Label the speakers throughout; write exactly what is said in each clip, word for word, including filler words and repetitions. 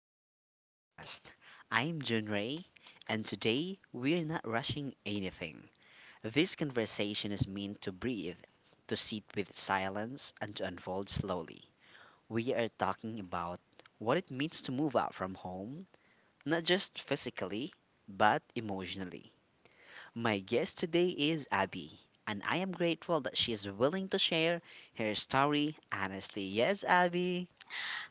Speaker 1: everyone to the podcast. I'm Jun Ray, and today we're not rushing anything. This conversation is meant to breathe, to sit with silence, and to unfold slowly. We are talking about what it means to move out from home, not just physically, but emotionally. My guest today is Abby, and I am grateful that she is willing to share her story honestly. Yes, Abby.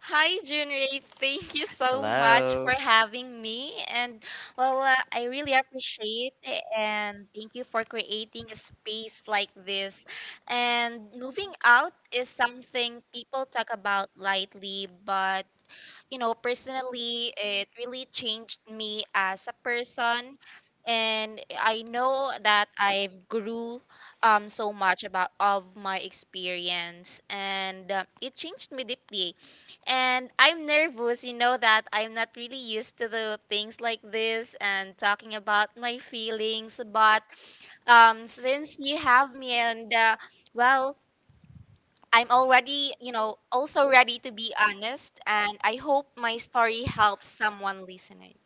Speaker 2: Hi, Junrei. Thank you so much for having me. And well, uh, I really appreciate it. And thank you for creating a space like this. And moving out is something people talk about lightly, but you know, personally, it really changed me as a person. And I know that I've grew um, so much about of my experience, and um, it changed me deeply. And I'm nervous, you know, that I'm not really used to the things like this and talking about my feelings. But um, Since you have me, and uh, well, I'm already, you know, also ready to be honest, and I hope my story helps someone listening.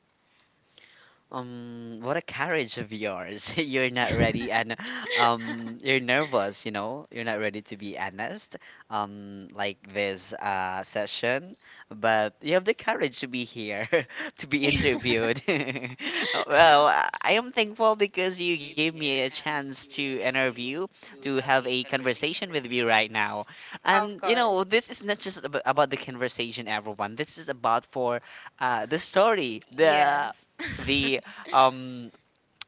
Speaker 1: Um, what a courage of yours. You're not ready, and um you're nervous, you know. You're not ready to be honest um like this uh session, but you have the courage to be here to be interviewed.
Speaker 2: Of
Speaker 1: Well, I I am thankful because you gave me a chance to interview, to have a conversation with you right now. And you
Speaker 2: course.
Speaker 1: know, this is not just ab- about the conversation, everyone. This is about, for uh the story, the
Speaker 2: Yes.
Speaker 1: the um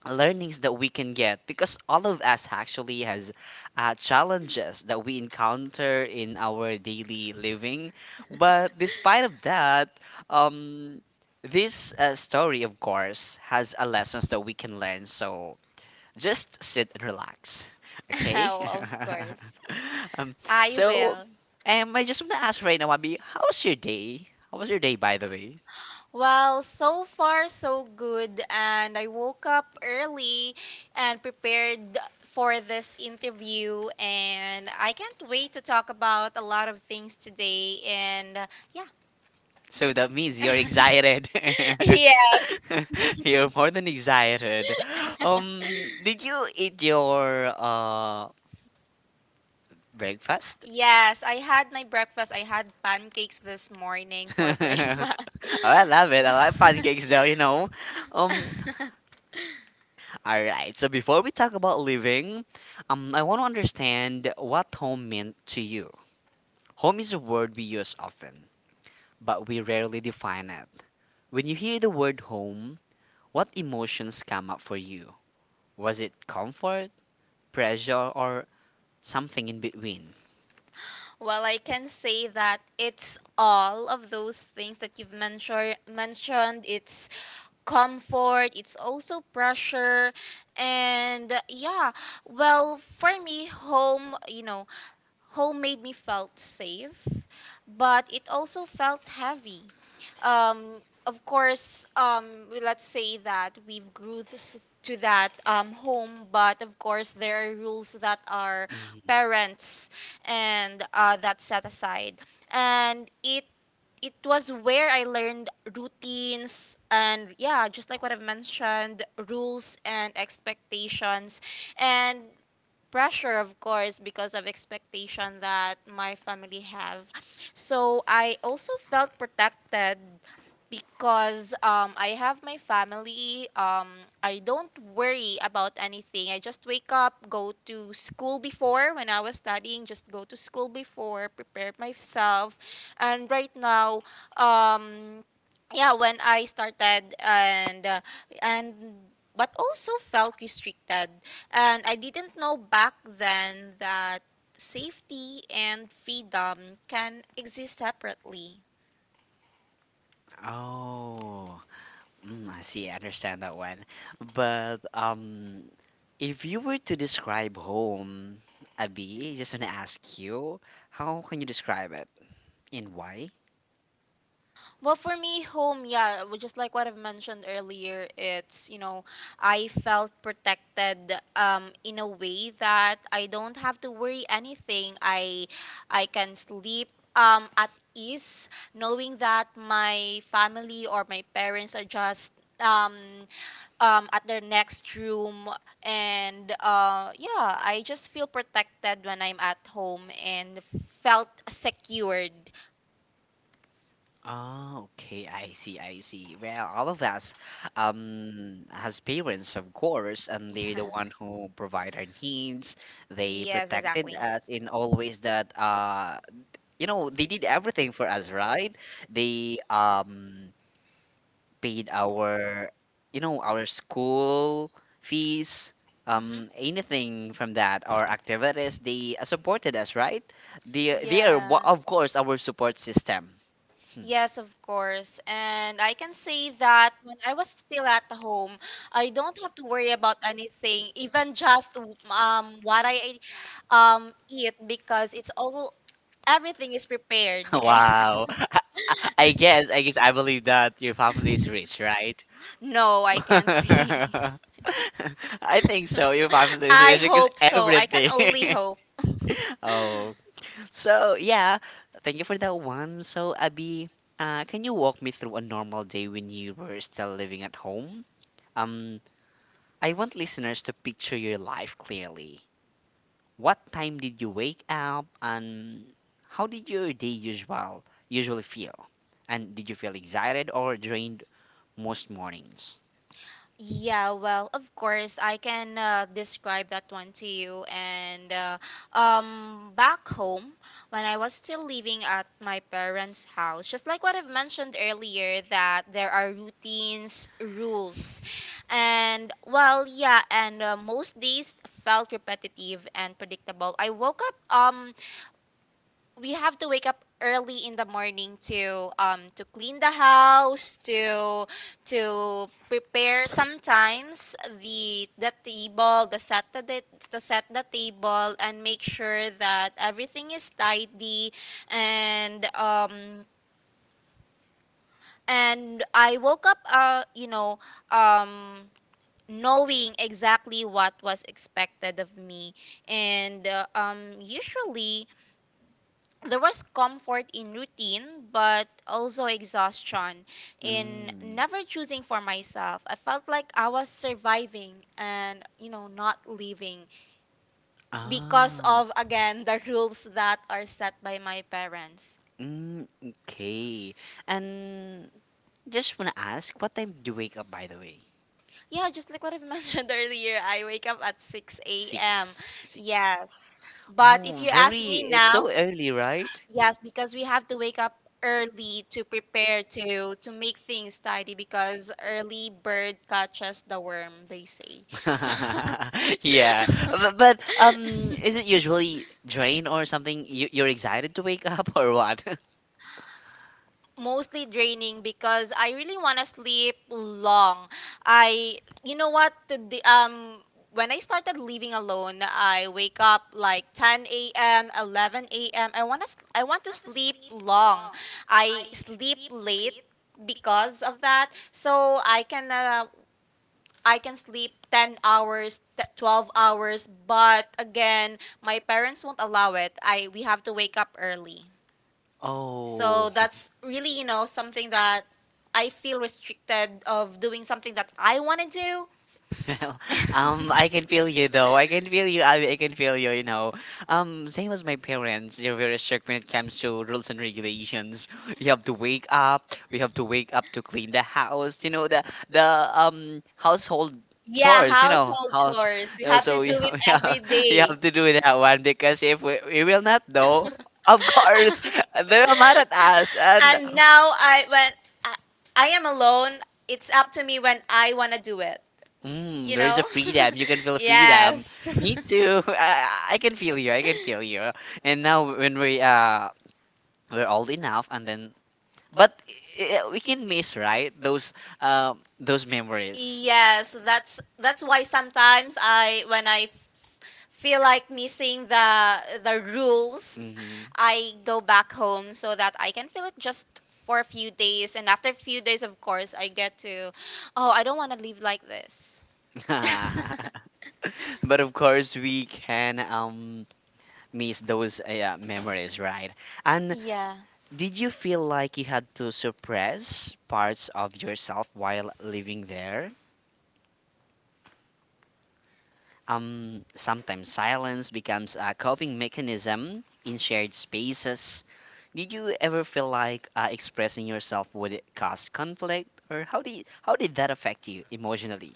Speaker 1: learnings that we can get, because all of us actually has uh, challenges that we encounter in our daily living. But despite of that, um this uh, story of course has a lessons that we can learn. So just sit and relax, okay.
Speaker 2: Oh, of
Speaker 1: Wow.
Speaker 2: course.
Speaker 1: um
Speaker 2: I
Speaker 1: so
Speaker 2: will.
Speaker 1: um, I just want to ask right now, Abby, how was your day, how was your day, by the way?
Speaker 2: Well, so far so good, and I woke up early and prepared for this interview, and I can't wait to talk about a lot of things today and uh, yeah.
Speaker 1: So that means you're excited.
Speaker 2: Yes.
Speaker 1: You're more than excited. Um, did you eat your uh breakfast?
Speaker 2: Yes, I had my breakfast. I had pancakes this morning for breakfast. Well,
Speaker 1: Oh, I love it. I like pancakes though, you know. Um,
Speaker 2: you know.
Speaker 1: all right. So before we talk about living, um, I want to understand what home meant to you. Home is a word we use often, but we rarely define it. When you hear the word home, what emotions come up for you? Was it comfort, pressure, or something in between?
Speaker 2: Well, I can say that it's all of those things that you've mentioned. Mentioned, it's comfort, it's also pressure, and uh, yeah. Well, for me, home, you know, home made me felt safe, but it also felt heavy. Um, of course, um, we- let's say that we've grew th- to that um, home, but of course there are rules that our
Speaker 1: Mm.
Speaker 2: parents and uh, that set aside, and it it was where I learned routines and, yeah, just like what I've mentioned, rules and expectations, and pressure, of course, because of expectation that my family have. So I also felt protected because um, I have my family. um, I don't worry about anything. I just wake up, go to school, before when I was studying, just go to school, before prepare myself. And right now, um, yeah, when I started and uh, and but also felt restricted, and I didn't know back then that safety and freedom can exist separately.
Speaker 1: Oh, mm, I see. I understand that one. But um, if you were to describe home, Abby, I just want to ask you, how can you describe it, and why?
Speaker 2: Well, for me, home, yeah, w- just like what I've mentioned earlier, it's, you know, I felt protected um, in a way that I don't have to worry anything. I, I can sleep um, at ease, knowing that my family or my parents are just um, um, at their next room. And uh, Yeah, I just feel protected when I'm at home and felt secured.
Speaker 1: Oh, okay. I see. I see. Well, all of us um has parents, of course, and
Speaker 2: Yeah.
Speaker 1: they're the one who provide our needs. They
Speaker 2: Yes,
Speaker 1: protected
Speaker 2: exactly.
Speaker 1: us in all ways that uh you know they did everything for us, right? They um paid our you know our school fees,
Speaker 2: Um,
Speaker 1: um
Speaker 2: hmm.
Speaker 1: anything from that our activities, they uh, supported us, right? They they are
Speaker 2: Yeah.
Speaker 1: wa- of course, our support system
Speaker 2: Yes, of course. And I can say that when I was still at home, I don't have to worry about anything, even just um what I um eat, because it's all everything is prepared.
Speaker 1: home. Wow. I guess, I guess I believe that your family is rich, right? No,
Speaker 2: No, I
Speaker 1: I don't
Speaker 2: can't
Speaker 1: think
Speaker 2: say.
Speaker 1: so. I think so. Your family is I
Speaker 2: I
Speaker 1: rich because hope
Speaker 2: hope
Speaker 1: so. I
Speaker 2: so. I can
Speaker 1: everything.
Speaker 2: only
Speaker 1: Totally hope
Speaker 2: hope.
Speaker 1: so. Oh, so yeah, thank you for that one. So Abby, uh, can you walk me through a normal day when you were still living at home? Um, I want listeners to picture your life clearly. What time did you wake up, and how did your day usual usually feel? And did you feel excited or drained most mornings?
Speaker 2: Yeah, well, of course, I can uh, describe that one to you. And uh, um, back home, when I was still living at my parents' house, just like what I've mentioned earlier, that there are routines, rules, and well, yeah, and uh, most days felt repetitive and predictable. I woke up. Um we have to wake up early in the morning to um to clean the house, to to prepare, sometimes the the table the set the, the to set the table and make sure that everything is tidy. And um and I woke up uh you know, um knowing exactly what was expected of me. And uh, um Usually there was comfort in routine, but also exhaustion in never choosing for myself. I felt like I was surviving and, you know, not living, because of, again, the rules that are set by my parents.
Speaker 1: Mm, okay. And just wanna ask, what time do you wake up, by the way?
Speaker 2: Yeah, just like what I've mentioned earlier, I wake up at six a m. Yes. But if you ask me
Speaker 1: Very now,
Speaker 2: now,
Speaker 1: early, right?
Speaker 2: yes, because we have to wake up early to prepare, to to make things tidy, because early bird catches the worm, they say. So
Speaker 1: Yeah, but, but um, is it usually drain or something? You you're excited to wake up or what?
Speaker 2: mostly draining, because I really want to sleep long. I you know what to The um when I started living alone, I wake up like ten a m, eleven a m. I want to I want to sleep long. I sleep late because of that. So I can uh, I can sleep ten hours, t- twelve hours, but again, my parents won't allow it. I We have to wake up early.
Speaker 1: Oh,
Speaker 2: So that's really, you know, something that I feel restricted of doing something that I want to do.
Speaker 1: well, um, I can feel you though. I can feel you. I, I can feel you. You know, um, same as my parents, they're very strict when it comes to rules and regulations. We have to wake up. We have to wake up to clean the house. You know, the the um household
Speaker 2: Yeah,
Speaker 1: chores. You know
Speaker 2: household
Speaker 1: house.
Speaker 2: problem. Chores. We
Speaker 1: You
Speaker 2: have to do many it have
Speaker 1: know,
Speaker 2: every
Speaker 1: so to we do it we have,
Speaker 2: day.
Speaker 1: we have to immediately do that one, because if we, we will not know, of course, they will mad at
Speaker 2: And
Speaker 1: us. And
Speaker 2: and now I when I, I am alone, it's up to me when I want to do it,
Speaker 1: mm,
Speaker 2: you
Speaker 1: there is a
Speaker 2: know?
Speaker 1: freedom. You can feel freedom.
Speaker 2: Yes.
Speaker 1: Yes. Me
Speaker 2: Me
Speaker 1: too. I, I can feel you. I can feel you. And now when we uh we're old enough, and then, but i- we can miss, right, those um those memories.
Speaker 2: yes, that's that's why sometimes I when I feel like missing the the rules,
Speaker 1: Hmm.
Speaker 2: I go back home so that I can feel it just for a few days. And after a few days, of course, I get to, oh, I don't want to live like this.
Speaker 1: But of course we can um miss those eh, uh, yeah, memories, right? And
Speaker 2: Yeah.
Speaker 1: did you feel like you had to suppress parts of yourself while living there? Um, sometimes silence becomes a coping mechanism in shared spaces. Did you ever feel like uh, expressing yourself would cause conflict, or how did how did that affect you emotionally?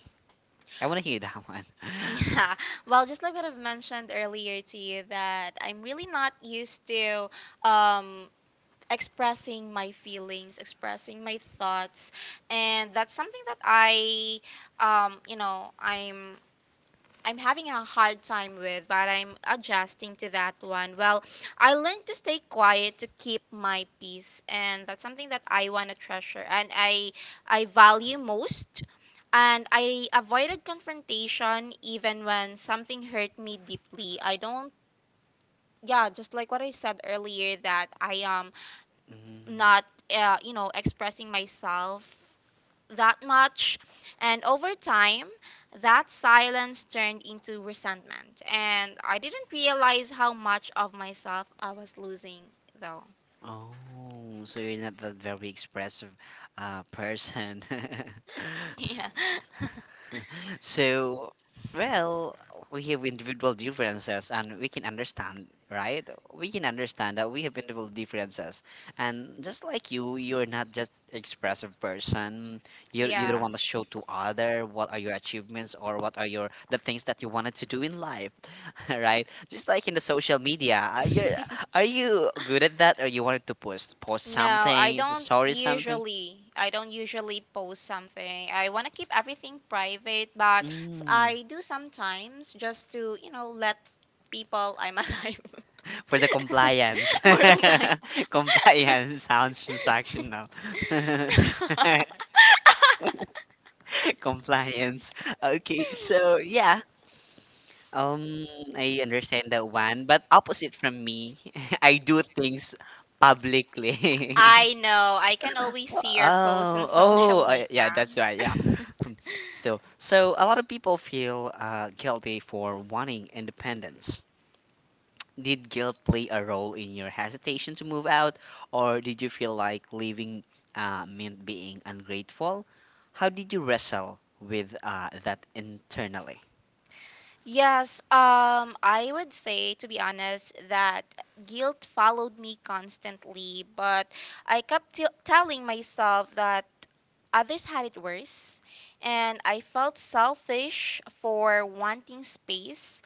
Speaker 1: I want to hear that one.
Speaker 2: Yeah. Well, just like what I've mentioned earlier to you, that I'm really not used to um, expressing my feelings, expressing my thoughts. And that's something that I, um, you know, I'm I'm having a hard time with, but I'm adjusting to that one. Well, I learned to stay quiet to keep my peace, and that's something that I want to treasure and I I value most. And I avoided confrontation even when something hurt me deeply. I don't yeah, Just like what I said earlier, that I am
Speaker 1: Mm,
Speaker 2: not uh, you know, expressing myself that much. And over time, that silence turned into resentment. And I didn't realize how much of myself I was losing, though.
Speaker 1: oh, so you're not that very expressive uh, person.
Speaker 2: Yeah.
Speaker 1: So, well, we have individual differences and we can understand, right? We can understand that we have individual differences. And just like you, you're not just expressive person. You you don't
Speaker 2: Yeah.
Speaker 1: want to show to other what are your achievements, or what are your the things that you wanted to do in life, right? Just like in the social media, are you are you good at that, or you wanted to post post
Speaker 2: No, I
Speaker 1: something,
Speaker 2: don't
Speaker 1: story u- something?
Speaker 2: usually. I don't usually post something. I want to keep everything private, but s-
Speaker 1: Mm.
Speaker 2: I do sometimes, just to, you know, let people I'm alive.
Speaker 1: For the
Speaker 2: For
Speaker 1: compliance.
Speaker 2: More compliant.
Speaker 1: Compliance sounds transactional. Compliance. Okay, so yeah. Um I understand that one, but opposite from me, I do things publicly. Too.
Speaker 2: I know. I can always see your posts in
Speaker 1: Oh, oh,
Speaker 2: social
Speaker 1: uh, yeah,
Speaker 2: media.
Speaker 1: that's right. Yeah. So, so a lot of people feel uh, guilty for wanting independence. Did guilt play a role in your hesitation to move out, or did you feel like leaving uh, meant being ungrateful? How did you wrestle with uh, that internally?
Speaker 2: Yes, um, I would say, to be honest, that guilt followed me constantly, but I kept t- telling myself that others had it worse, and I felt selfish for wanting space,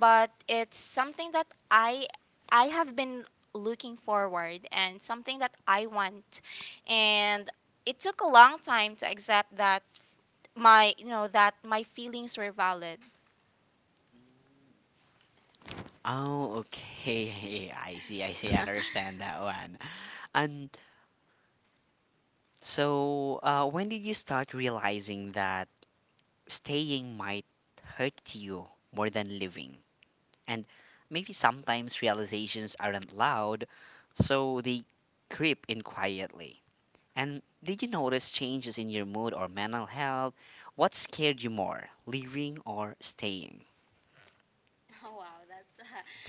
Speaker 2: but it's something that I I have been looking forward, and something that I want, and it took a long time to accept that my you know that my feelings were valid.
Speaker 1: Oh, okay. I see. I see. I understand that one. And so, uh, when did you start realizing that staying might hurt you more than living? And maybe sometimes realizations aren't loud, so they creep in quietly. And did you notice changes in your mood or mental health? What scared you more, leaving or staying?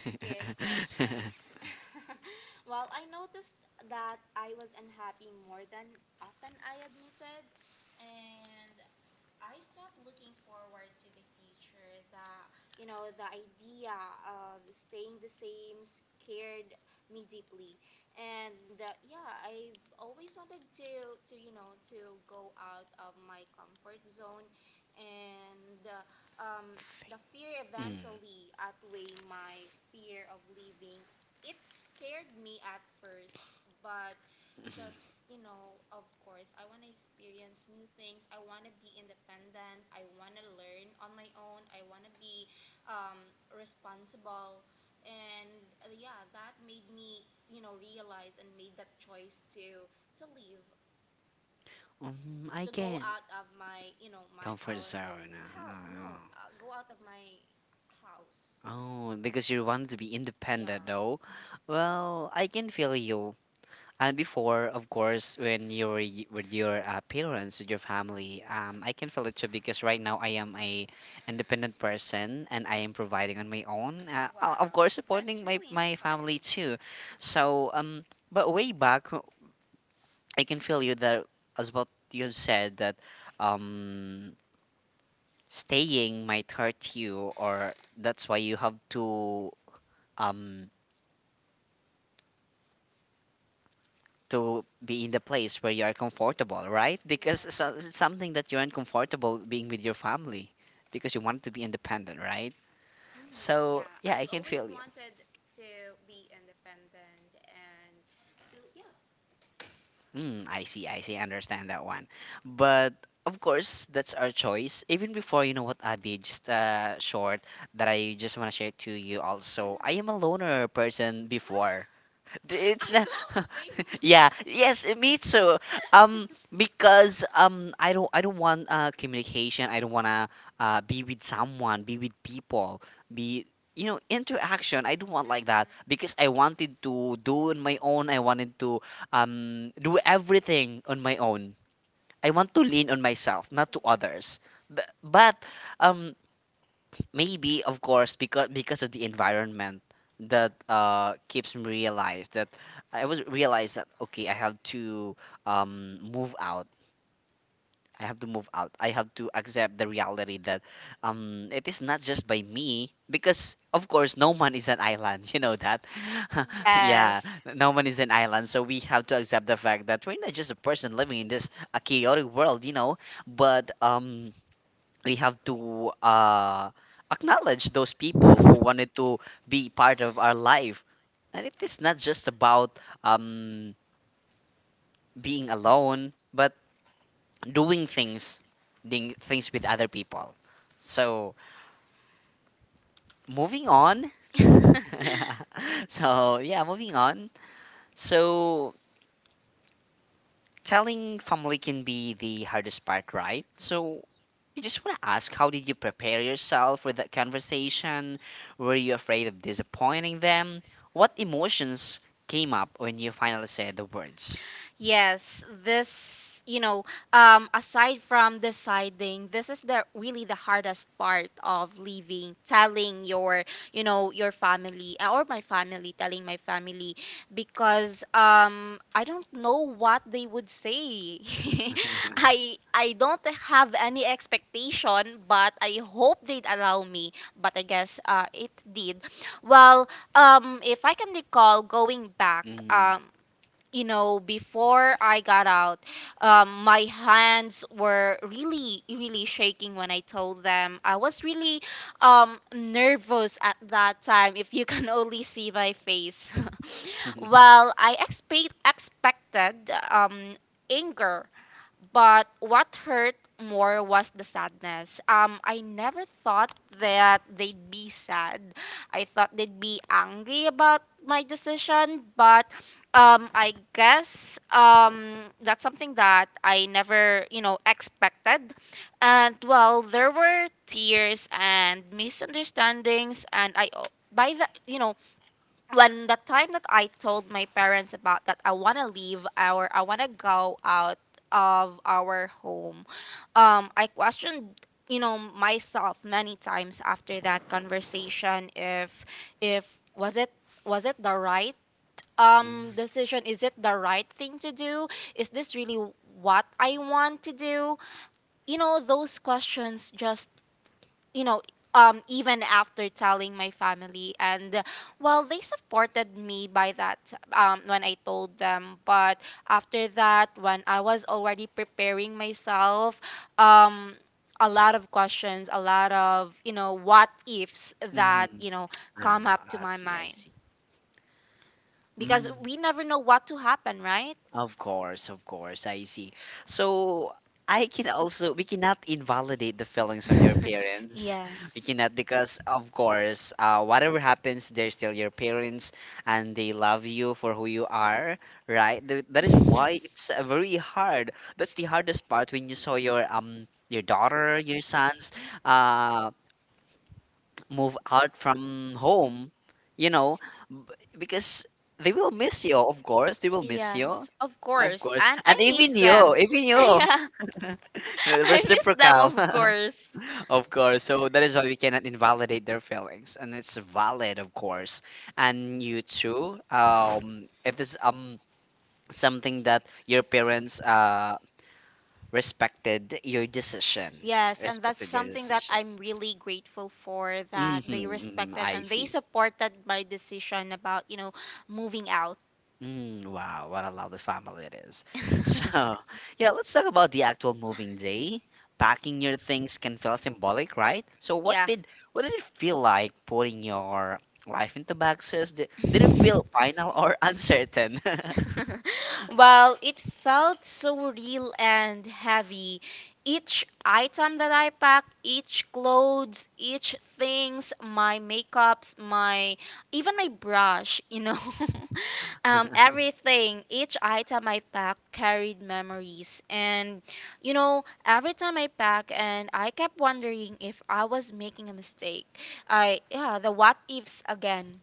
Speaker 1: Here's mm, can, oh, because you want to be independent. Yeah, though. Well, I can feel you. And before, of course, when you were y- with your uh, parents, with your family, um, I can feel it too, because right now I am a independent person, and I am providing on my own. Uh, uh, of Wow. course, that's supporting my really my family nice too. So, um, but way back, I can feel you that as what you have said that, um, staying might hurt you, or that's why you have to um to be in the place where you are comfortable, right? Because so, it's something that you're uncomfortable being with your family, because you want to be independent, right? So, yeah, I can feel you. Mm, I see, I see, I understand that one. But of course, that's our choice. Even before, you know what, Abby, just uh, short that I just want to share to you also. I am a loner person, mm, before. It's not. Yeah. Yes, me too. Um, because um, I don't. I don't want uh communication. I don't wanna uh be with someone, be with people, be you know interaction. I don't want like that, because I wanted to do on my own. I wanted to um do everything on my own. I want to lean on myself, not to others. B- But um, maybe of course, because because of the environment that uh keeps me realize that I was realize that okay, I have to um move out I have to move out I have to accept the reality that um it is not just by me, because of course no man is an island. You know that. Yeah,
Speaker 2: Yes.
Speaker 1: no one is an island, so we have to accept the fact that we're not just a person living in this a chaotic world you know but um we have to uh, acknowledge those people who wanted to be part of our life. And it is not just about um, being alone, but doing things, doing things with other people. So, moving on. So yeah, moving on. So telling family can be the hardest part, right? So I just want to ask, how did you prepare yourself for that conversation? Were you afraid of disappointing them? What emotions came up when you finally said the words?
Speaker 2: Yes, this, you know, um, aside from deciding, this is the really the hardest part of leaving, telling your, you know, your family uh, or my family, telling my family, because um, I don't know what they would say. I I don't have any expectation, but I hope they'd allow me. But I guess uh, it did. Well, um, if I can recall going back,
Speaker 1: Mm.
Speaker 2: um, you know, before I got out, um, my hands were really, really shaking when I told them. I was really um, nervous at that time, if you can only see my face. Well, I expect, expected um, anger, but what hurt more was the sadness. Um, I never thought that they'd be sad. I thought they'd be angry about my decision, but um, I guess um, that's something that I never, you know, expected. And well, there were tears and misunderstandings, and I o- by the you know when the time that I told my parents about that I want to leave our I want to go out of our home, um I questioned, you know, myself many times after that conversation, if if was it was it the right um decision,
Speaker 1: Mm.
Speaker 2: is it the right thing to do, is this really what I want to do? You know, those questions just, you know, um even after telling my family. And uh, Well, they supported me by that um when I told them. But after that, when I was already preparing myself, um a lot of questions, a lot of, you know, what ifs that,
Speaker 1: Mm.
Speaker 2: you know,
Speaker 1: Um,
Speaker 2: come up to
Speaker 1: I
Speaker 2: my
Speaker 1: see, sometimes I
Speaker 2: mind,
Speaker 1: see. Mm.
Speaker 2: because we never know what to happen, right.
Speaker 1: Of course, of course, I see. So I can also we cannot invalidate the feelings of your parents. Yeah. We
Speaker 2: Yes.
Speaker 1: cannot, because of course, uh, whatever happens, they're still your parents, and they love you for who you are, right? Th That is why it's uh, very hard. That's the hardest part when you saw your um your daughter, your sons, uh, move out from home, you know, b- because they will miss you. Of course, they will miss you.
Speaker 2: Yes, of
Speaker 1: Of
Speaker 2: course.
Speaker 1: course,
Speaker 2: And
Speaker 1: and
Speaker 2: I miss
Speaker 1: even
Speaker 2: them.
Speaker 1: you, even you,
Speaker 2: Yeah. I miss them,
Speaker 1: reciprocal.
Speaker 2: of course.
Speaker 1: Of course. So that is why we cannot invalidate their feelings, and it's valid, of course. And you too. Um, it is um something that your parents uh respected your decision.
Speaker 2: Yes, and that's
Speaker 1: Respected your
Speaker 2: something that
Speaker 1: decision.
Speaker 2: I'm really grateful for, that they
Speaker 1: Mm-hmm, mm-hmm,
Speaker 2: respected
Speaker 1: I
Speaker 2: and they
Speaker 1: see.
Speaker 2: supported my decision about, you know, moving out.
Speaker 1: Mm, wow, what a lovely family it is. So, yeah, let's talk about the actual moving day. Packing your things can feel symbolic, right? So, what
Speaker 2: Yeah.
Speaker 1: Yeah. did what did it feel like putting your life into boxes? Did, did it feel final or uncertain?
Speaker 2: Well, it felt so real and heavy. Each item that I packed, each clothes, each things, my makeups, my even my brush, you know. Um, everything, each item I packed carried memories. And, you know, every time I pack, and I kept wondering if I was making a mistake. I, yeah, the what ifs again.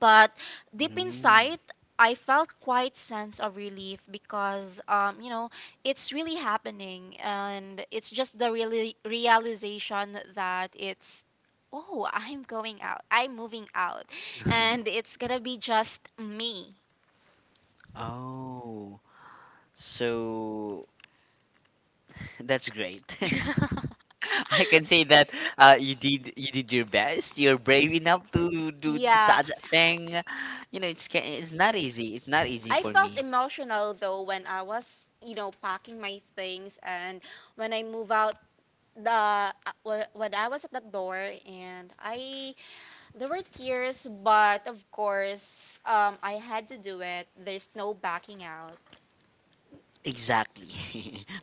Speaker 2: But deep inside, I felt quite sense of relief because, um, you know, it's really happening. And it's just the really realization that it's, oh, I'm going out, I'm moving out. And
Speaker 1: Mm.
Speaker 2: it's gonna be just me.
Speaker 1: Oh, so that's great.
Speaker 2: That's
Speaker 1: I can say that uh, you did you did your best. You're brave enough to do
Speaker 2: yeah.
Speaker 1: such a thing. You know, it's ca- it's not easy. It's not easy
Speaker 2: I
Speaker 1: for me.
Speaker 2: felt emotional though when I was, you know, packing my things and when I move out the uh, wh- when I was at the door and I there were tears, but of course um I had to do it. There's no backing out.
Speaker 1: Exactly.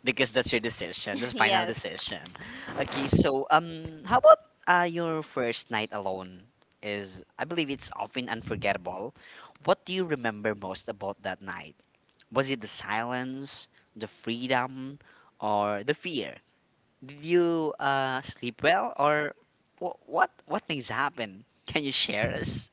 Speaker 1: Because that's your decision, that's final, yes,
Speaker 2: Yes.
Speaker 1: decision. Okay, so um how about uh your first night alone is, I believe it's often unforgettable. What do you remember most about that night? Was it the silence, the freedom, or the fear? Did you uh, sleep well, or wh- what? What things happen? Can you share us?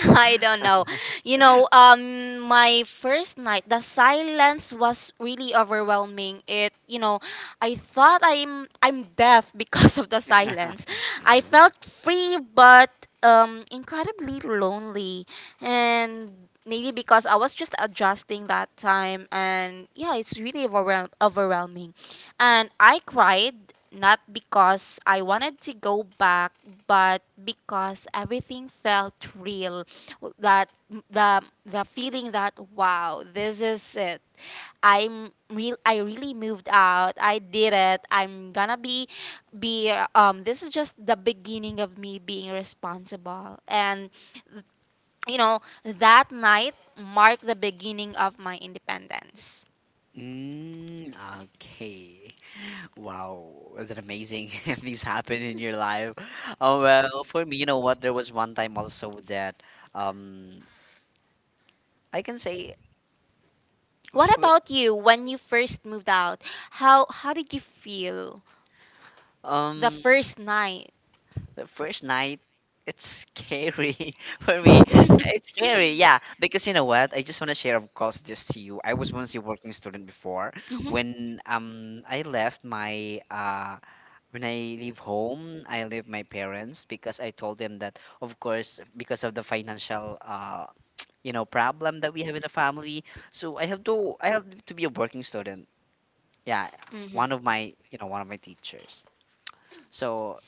Speaker 2: I don't know. You know, um, my first night, the silence was really overwhelming. It, you know, I thought I'm I'm deaf because of the silence. I felt free, but um, incredibly lonely, and maybe because I was just adjusting that time, and yeah, it's really overwhel- overwhelming. And I cried not because I wanted to go back, but because everything felt real, that the the feeling that, wow, this is it. I'm real, I really moved out, I did it, I'm gonna be be uh, um this is just the beginning of me being responsible, and you know, that night marked the beginning of my independence.
Speaker 1: Mm, okay. Wow, was it amazing things happen in your life? Oh well, for me, you know what? There was one time also that um I can say
Speaker 2: What about
Speaker 1: w-
Speaker 2: you, when you first moved out? How how did you feel
Speaker 1: the
Speaker 2: the
Speaker 1: um
Speaker 2: first night?
Speaker 1: the first night, it's scary for me. It's scary, yeah. Because you know what? I just want to share, of course, this to you. I was once a working student before.
Speaker 2: Mhm.
Speaker 1: When um I left my uh when I leave home, I leave my parents because I told them that, of course, because of the financial uh you know problem that we have in the family, so I have to I have to be a working student. Yeah,
Speaker 2: Mhm.
Speaker 1: one of my you know one of my teachers. So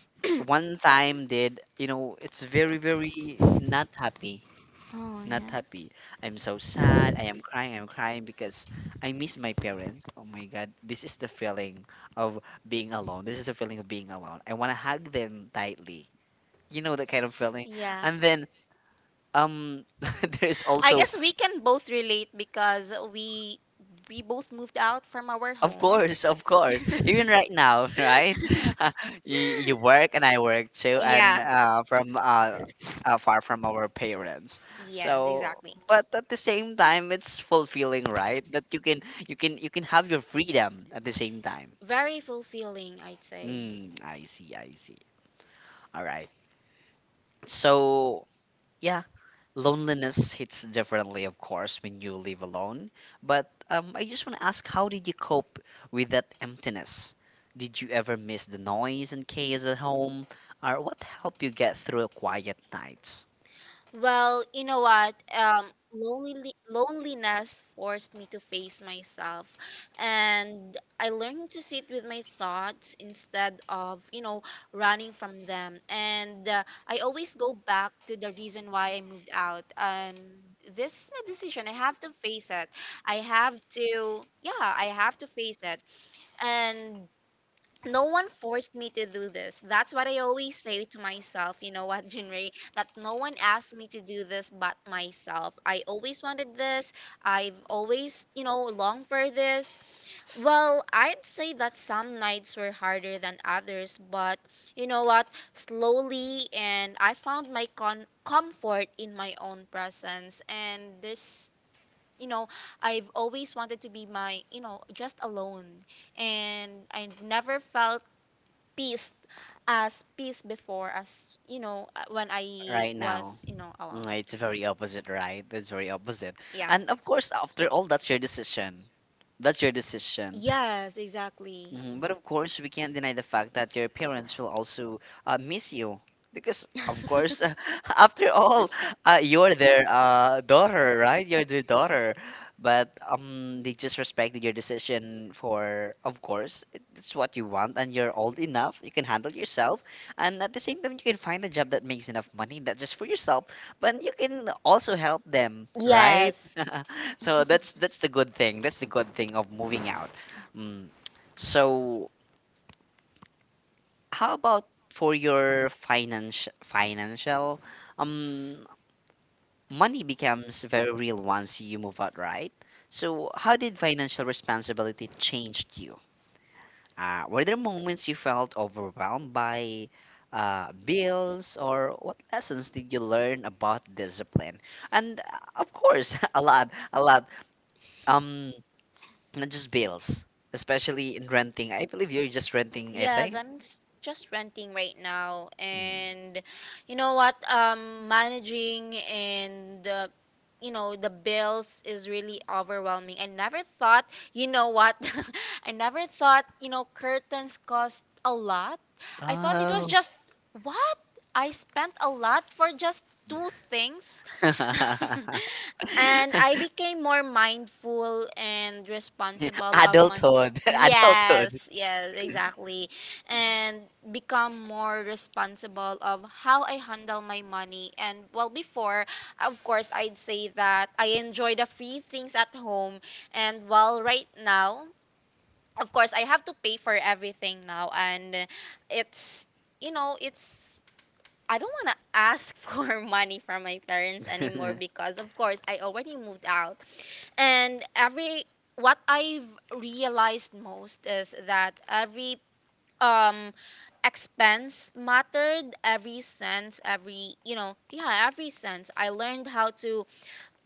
Speaker 1: one time, did you know, it's very very not happy,
Speaker 2: Oh
Speaker 1: not
Speaker 2: yeah.
Speaker 1: happy. I'm so sad, I am crying, I'm crying because I miss my parents. Oh my god, this is the feeling of being alone, this is the feeling of being alone. I want to hug them tightly, you know, that kind of feeling.
Speaker 2: Yeah.
Speaker 1: And then um there's
Speaker 2: I
Speaker 1: also
Speaker 2: guess we can both relate, because we we both moved out from our of
Speaker 1: of
Speaker 2: home.
Speaker 1: course, of course.
Speaker 2: You.
Speaker 1: Even right now, right? Uh, you, you work and I work too, and
Speaker 2: Yeah.
Speaker 1: uh, from uh, uh, far from our parents.
Speaker 2: Yes,
Speaker 1: So,
Speaker 2: exactly. But
Speaker 1: but at the same time, it's fulfilling, right? That you can you can you can have your freedom at the same time.
Speaker 2: very fulfilling, I'd say.
Speaker 1: Mm, I see, I see. All right. So, yeah. Loneliness hits differently, of course, when you live alone. But um, I just want to ask, how did you cope with that emptiness? Did you ever miss the noise and chaos at home? Or what helped you get through quiet nights
Speaker 2: Well, you know what? Um, lonely, loneliness forced me to face myself, and I learned to sit with my thoughts instead of, you know, running from them. And uh, I always go back to the reason why I moved out. And this is my decision. I have to face it. I have to, yeah, I have to face it. And no one forced me to do this. That's what I always say to myself. You know what, Junrei? That no one asked me to do this but myself. I always wanted this. I've always, you know, longed for this. Well, I'd say that some nights were harder than others, but you know what? Slowly, and I found my con- comfort in my own presence. And there's, you know, I've always wanted to be my, you know, just alone, and I have never felt peace as peace before as, you know, uh, when I
Speaker 1: right now?
Speaker 2: was, you know, alone.
Speaker 1: Was, mm, mm, it's very opposite, right? It's very opposite. Yeah.
Speaker 2: Yeah.
Speaker 1: And of course, after all, that's your decision. That's your decision.
Speaker 2: Yeah, yes, exactly.
Speaker 1: Mhm. But of course, we can't deny the fact that your parents will also uh, miss you. Because, of course, after all, uh, you're their uh, daughter, right? You're their daughter. But um, they just respected your decision for, of course, it- it's what you want, and you're old enough, you can handle yourself, and at the same time, you can find a job that makes enough money, not just for yourself, but you can also help them, right?
Speaker 2: Yes.
Speaker 1: So that's that's the good thing. That's the good thing of moving out. Mm. So, how about for your finance financial um money becomes very real once you move out, right? So, how did financial responsibility changed you? Uh, were there moments you felt overwhelmed by uh, bills, or what lessons did you learn about discipline? And uh, of course, a lot, a lot. Um, Not just bills, especially in renting. I believe you're just renting,
Speaker 2: Yes, right? I'm s- just renting right now, and you know what? Um, managing and uh, you know, the bills is really overwhelming. I never thought, you know what? I never thought, you know, curtains cost a lot. I thought it was
Speaker 1: I
Speaker 2: just, what? I spent a lot for just two things.
Speaker 1: because I want
Speaker 2: And I became more mindful and responsible of my yes, yes, exactly, and become more responsible of how I handle my money. And well, before, of course, I'd say that I enjoy the free things at home, and while right now. Of course, I have to pay for everything now, and it's you know it's I don't want to ask for money from my parents anymore because, of course, I already moved out, and every what i've realized most is that every um expense mattered, every sense, every, you know, yeah, every sense. I learned how to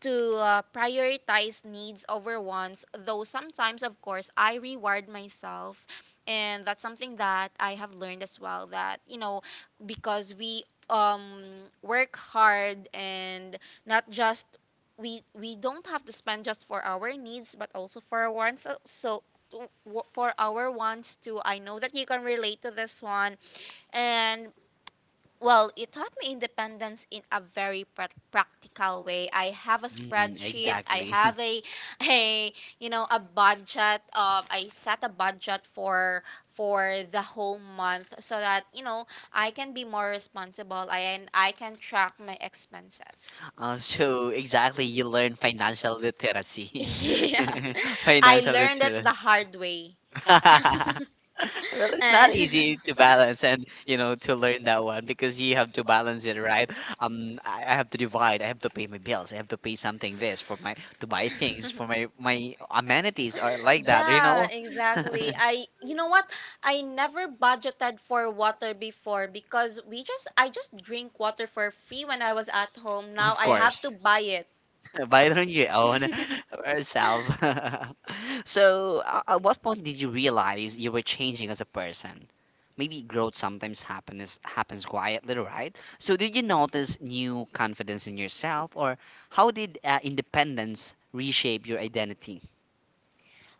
Speaker 2: to uh, prioritize needs over wants, though sometimes, of course, I reward myself, and that's something that I have learned as well, that, you know, because we um work hard, and not just we we don't have to spend just for our needs but also for our wants. Uh, so w- for our wants too, I know that you can relate to this one. And well, it taught me independence in a very prac practical way. I have a
Speaker 1: Mm,
Speaker 2: spreadsheet. I have a a, you know, a budget of I set a budget for for the whole month, so that, you know, I can be more responsible and I can track my expenses.
Speaker 1: also, exactly, you learn financial literacy.
Speaker 2: Yeah.
Speaker 1: Yes. I
Speaker 2: I learned it
Speaker 1: literacy.
Speaker 2: the hard way.
Speaker 1: Well, it's not easy to balance and you know to learn that one because you have to balance it, right? Um, I, I have to divide. I have to pay my bills. I have to pay something this for my to buy things for my my amenities or like that, you
Speaker 2: Yeah,
Speaker 1: know.
Speaker 2: exactly. I, you know what? I never budgeted for water before, because we just I just drink water for free when I was at home. Now
Speaker 1: Of
Speaker 2: I have to
Speaker 1: course.
Speaker 2: buy it.
Speaker 1: Buy it on your own or self. So, uh, at what point did you realize you were changing as a person? Maybe growth sometimes happens happens quietly, right? So, did you notice new confidence in yourself, or how did uh, independence reshape your identity?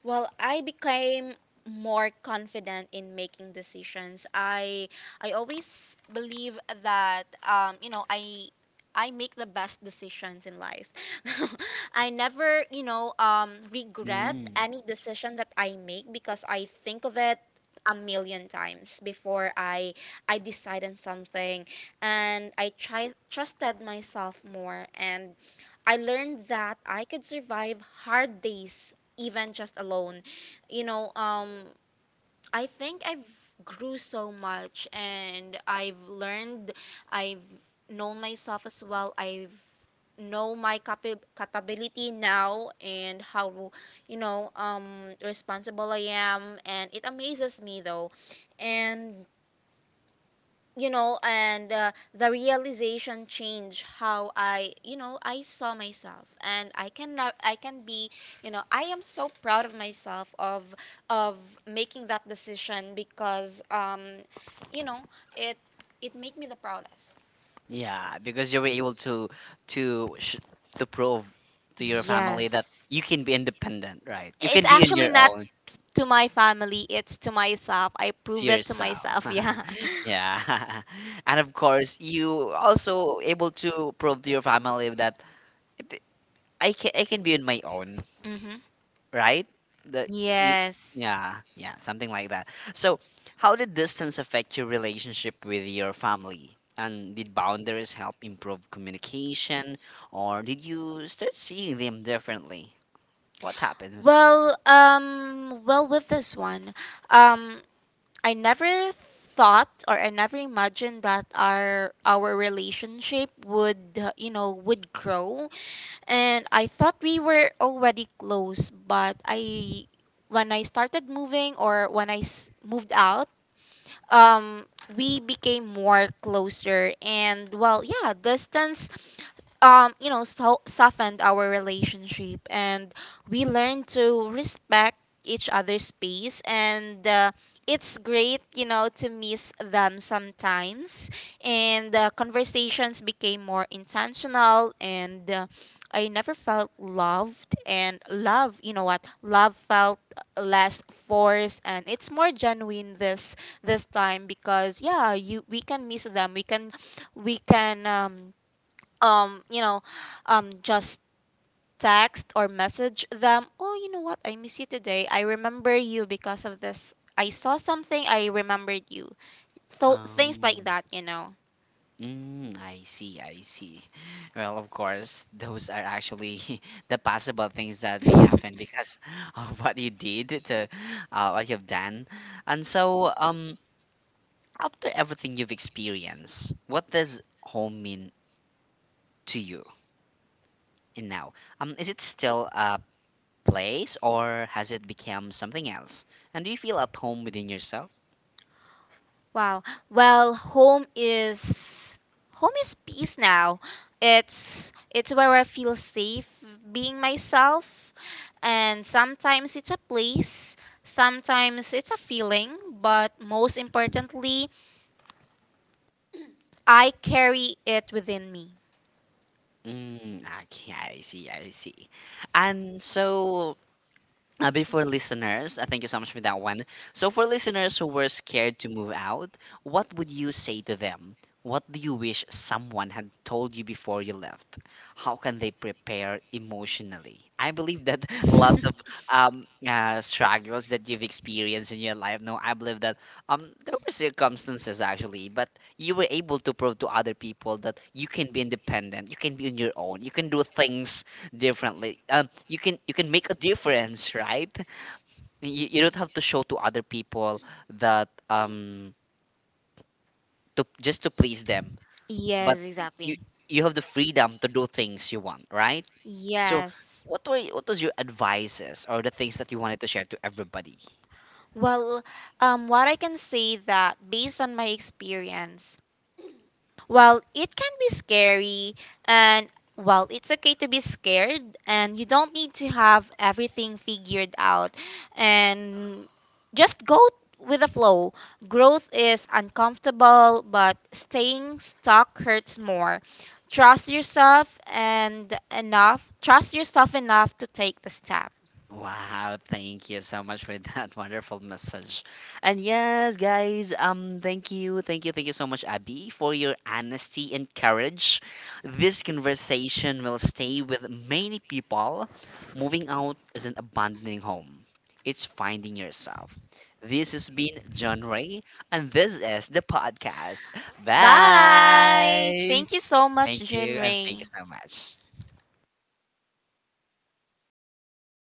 Speaker 2: Well, I became more confident in making decisions. I I always believe that, um, you know, I I make the best decisions in life. I never, you know, um, regret
Speaker 1: Mm.
Speaker 2: any decision that I make, because I think of it a million times before I I decide on something, and I try, trusted myself more, and I learned that I could survive hard days even just alone, you know, um, I think i've grew so much, and i've learned i've known myself as well. I've know my capa- capability now, and how, you know, um, responsible I am, and it amazes me though. And you know, and uh, the realization changed how I, you know, I saw myself, and I can now I can be, you know, I am so proud of myself of of making that decision, because um, you know, it it made me the proudest.
Speaker 1: Yeah, because you were able to to sh- to prove to your family that
Speaker 2: Yes.
Speaker 1: you can be independent, right? You
Speaker 2: It's
Speaker 1: can be on
Speaker 2: actually
Speaker 1: your
Speaker 2: not
Speaker 1: own.
Speaker 2: to my family, it's to myself. I
Speaker 1: To
Speaker 2: prove it to
Speaker 1: yourself.
Speaker 2: myself. Yeah.
Speaker 1: Yeah. And of course, you also able to prove to your family that it- I can, I can be on my own,
Speaker 2: Hmm.
Speaker 1: right? That you, yeah,
Speaker 2: Yes.
Speaker 1: yeah, yeah, something like that. So, how did distance affect your relationship with your family? And did boundaries help improve communication, or did you start seeing them differently? What happens?
Speaker 2: Well, um, well, with this one, um, I never thought or I never imagined that our our relationship would, uh, you know, would grow. And I thought we were already close, but I when I started moving or when I s- moved out, um, we became more closer, and well, yeah, distance um, you know, so- softened our relationship, and we learned to respect each other's space, and uh, it's great, you know, to miss them sometimes. And the conversations became more intentional, and uh, I never felt loved, and love, you know what, love felt less forced, and it's more genuine this this time, because yeah, you we can miss them, we can we can um um, you know, um just text or message them, oh, you know what, I miss you today, I remember you because of this, I saw something, I remembered you. So things like
Speaker 1: Um,
Speaker 2: that, you know.
Speaker 1: mm, I see, I see. Well, of course, those are actually the possible things that may happen because of what you did to uh, what you've done. And so, um, after everything you've experienced, what does home mean to you in now? Um, is it still a place or has it become something else? And do you feel at home within yourself?
Speaker 2: Wow. Well, home is home is peace now. It's it's where I feel safe being myself, and sometimes it's a place, sometimes it's a feeling, but most importantly, I carry it within me.
Speaker 1: Mm, okay, I see, I see. And so, Uh, before listeners, uh, thank you so much for that one. So, for listeners who were scared to move out, what would you say to them? What do you wish someone had told you before you left? How can they prepare emotionally? I believe that lots of um, uh, struggles that you've experienced in your life. No, I believe that um, there were circumstances actually, but you were able to prove to other people that you can be independent, you can be on your own, you can do things differently, um you can, you can make a difference, right? you, you don't have to show to other people that um to just to please them, but
Speaker 2: Yes,
Speaker 1: you
Speaker 2: exactly.
Speaker 1: you have the freedom to do things you want, right? So
Speaker 2: Yes.
Speaker 1: yes, what were, what was your advices or the things that you wanted to share to everybody?
Speaker 2: Well, um, what I can say that based on my experience, while it can be scary, and while it's okay to be scared, and you don't need to have everything figured out, and just go with the flow. Growth is uncomfortable, but staying stuck hurts more. Trust yourself and enough, trust yourself enough to take the step.
Speaker 1: Wow, thank you so much for that wonderful message. And yes, guys, um thank you, thank you, thank you so much Abby for your honesty and courage. This conversation will stay with many people. Moving out isn't abandoning home. It's finding yourself. This has been John Ray and this is the podcast.
Speaker 2: Bye.
Speaker 1: Bye.
Speaker 2: Thank you so much,
Speaker 1: Thank you and thank
Speaker 2: Jinray.
Speaker 1: you so much.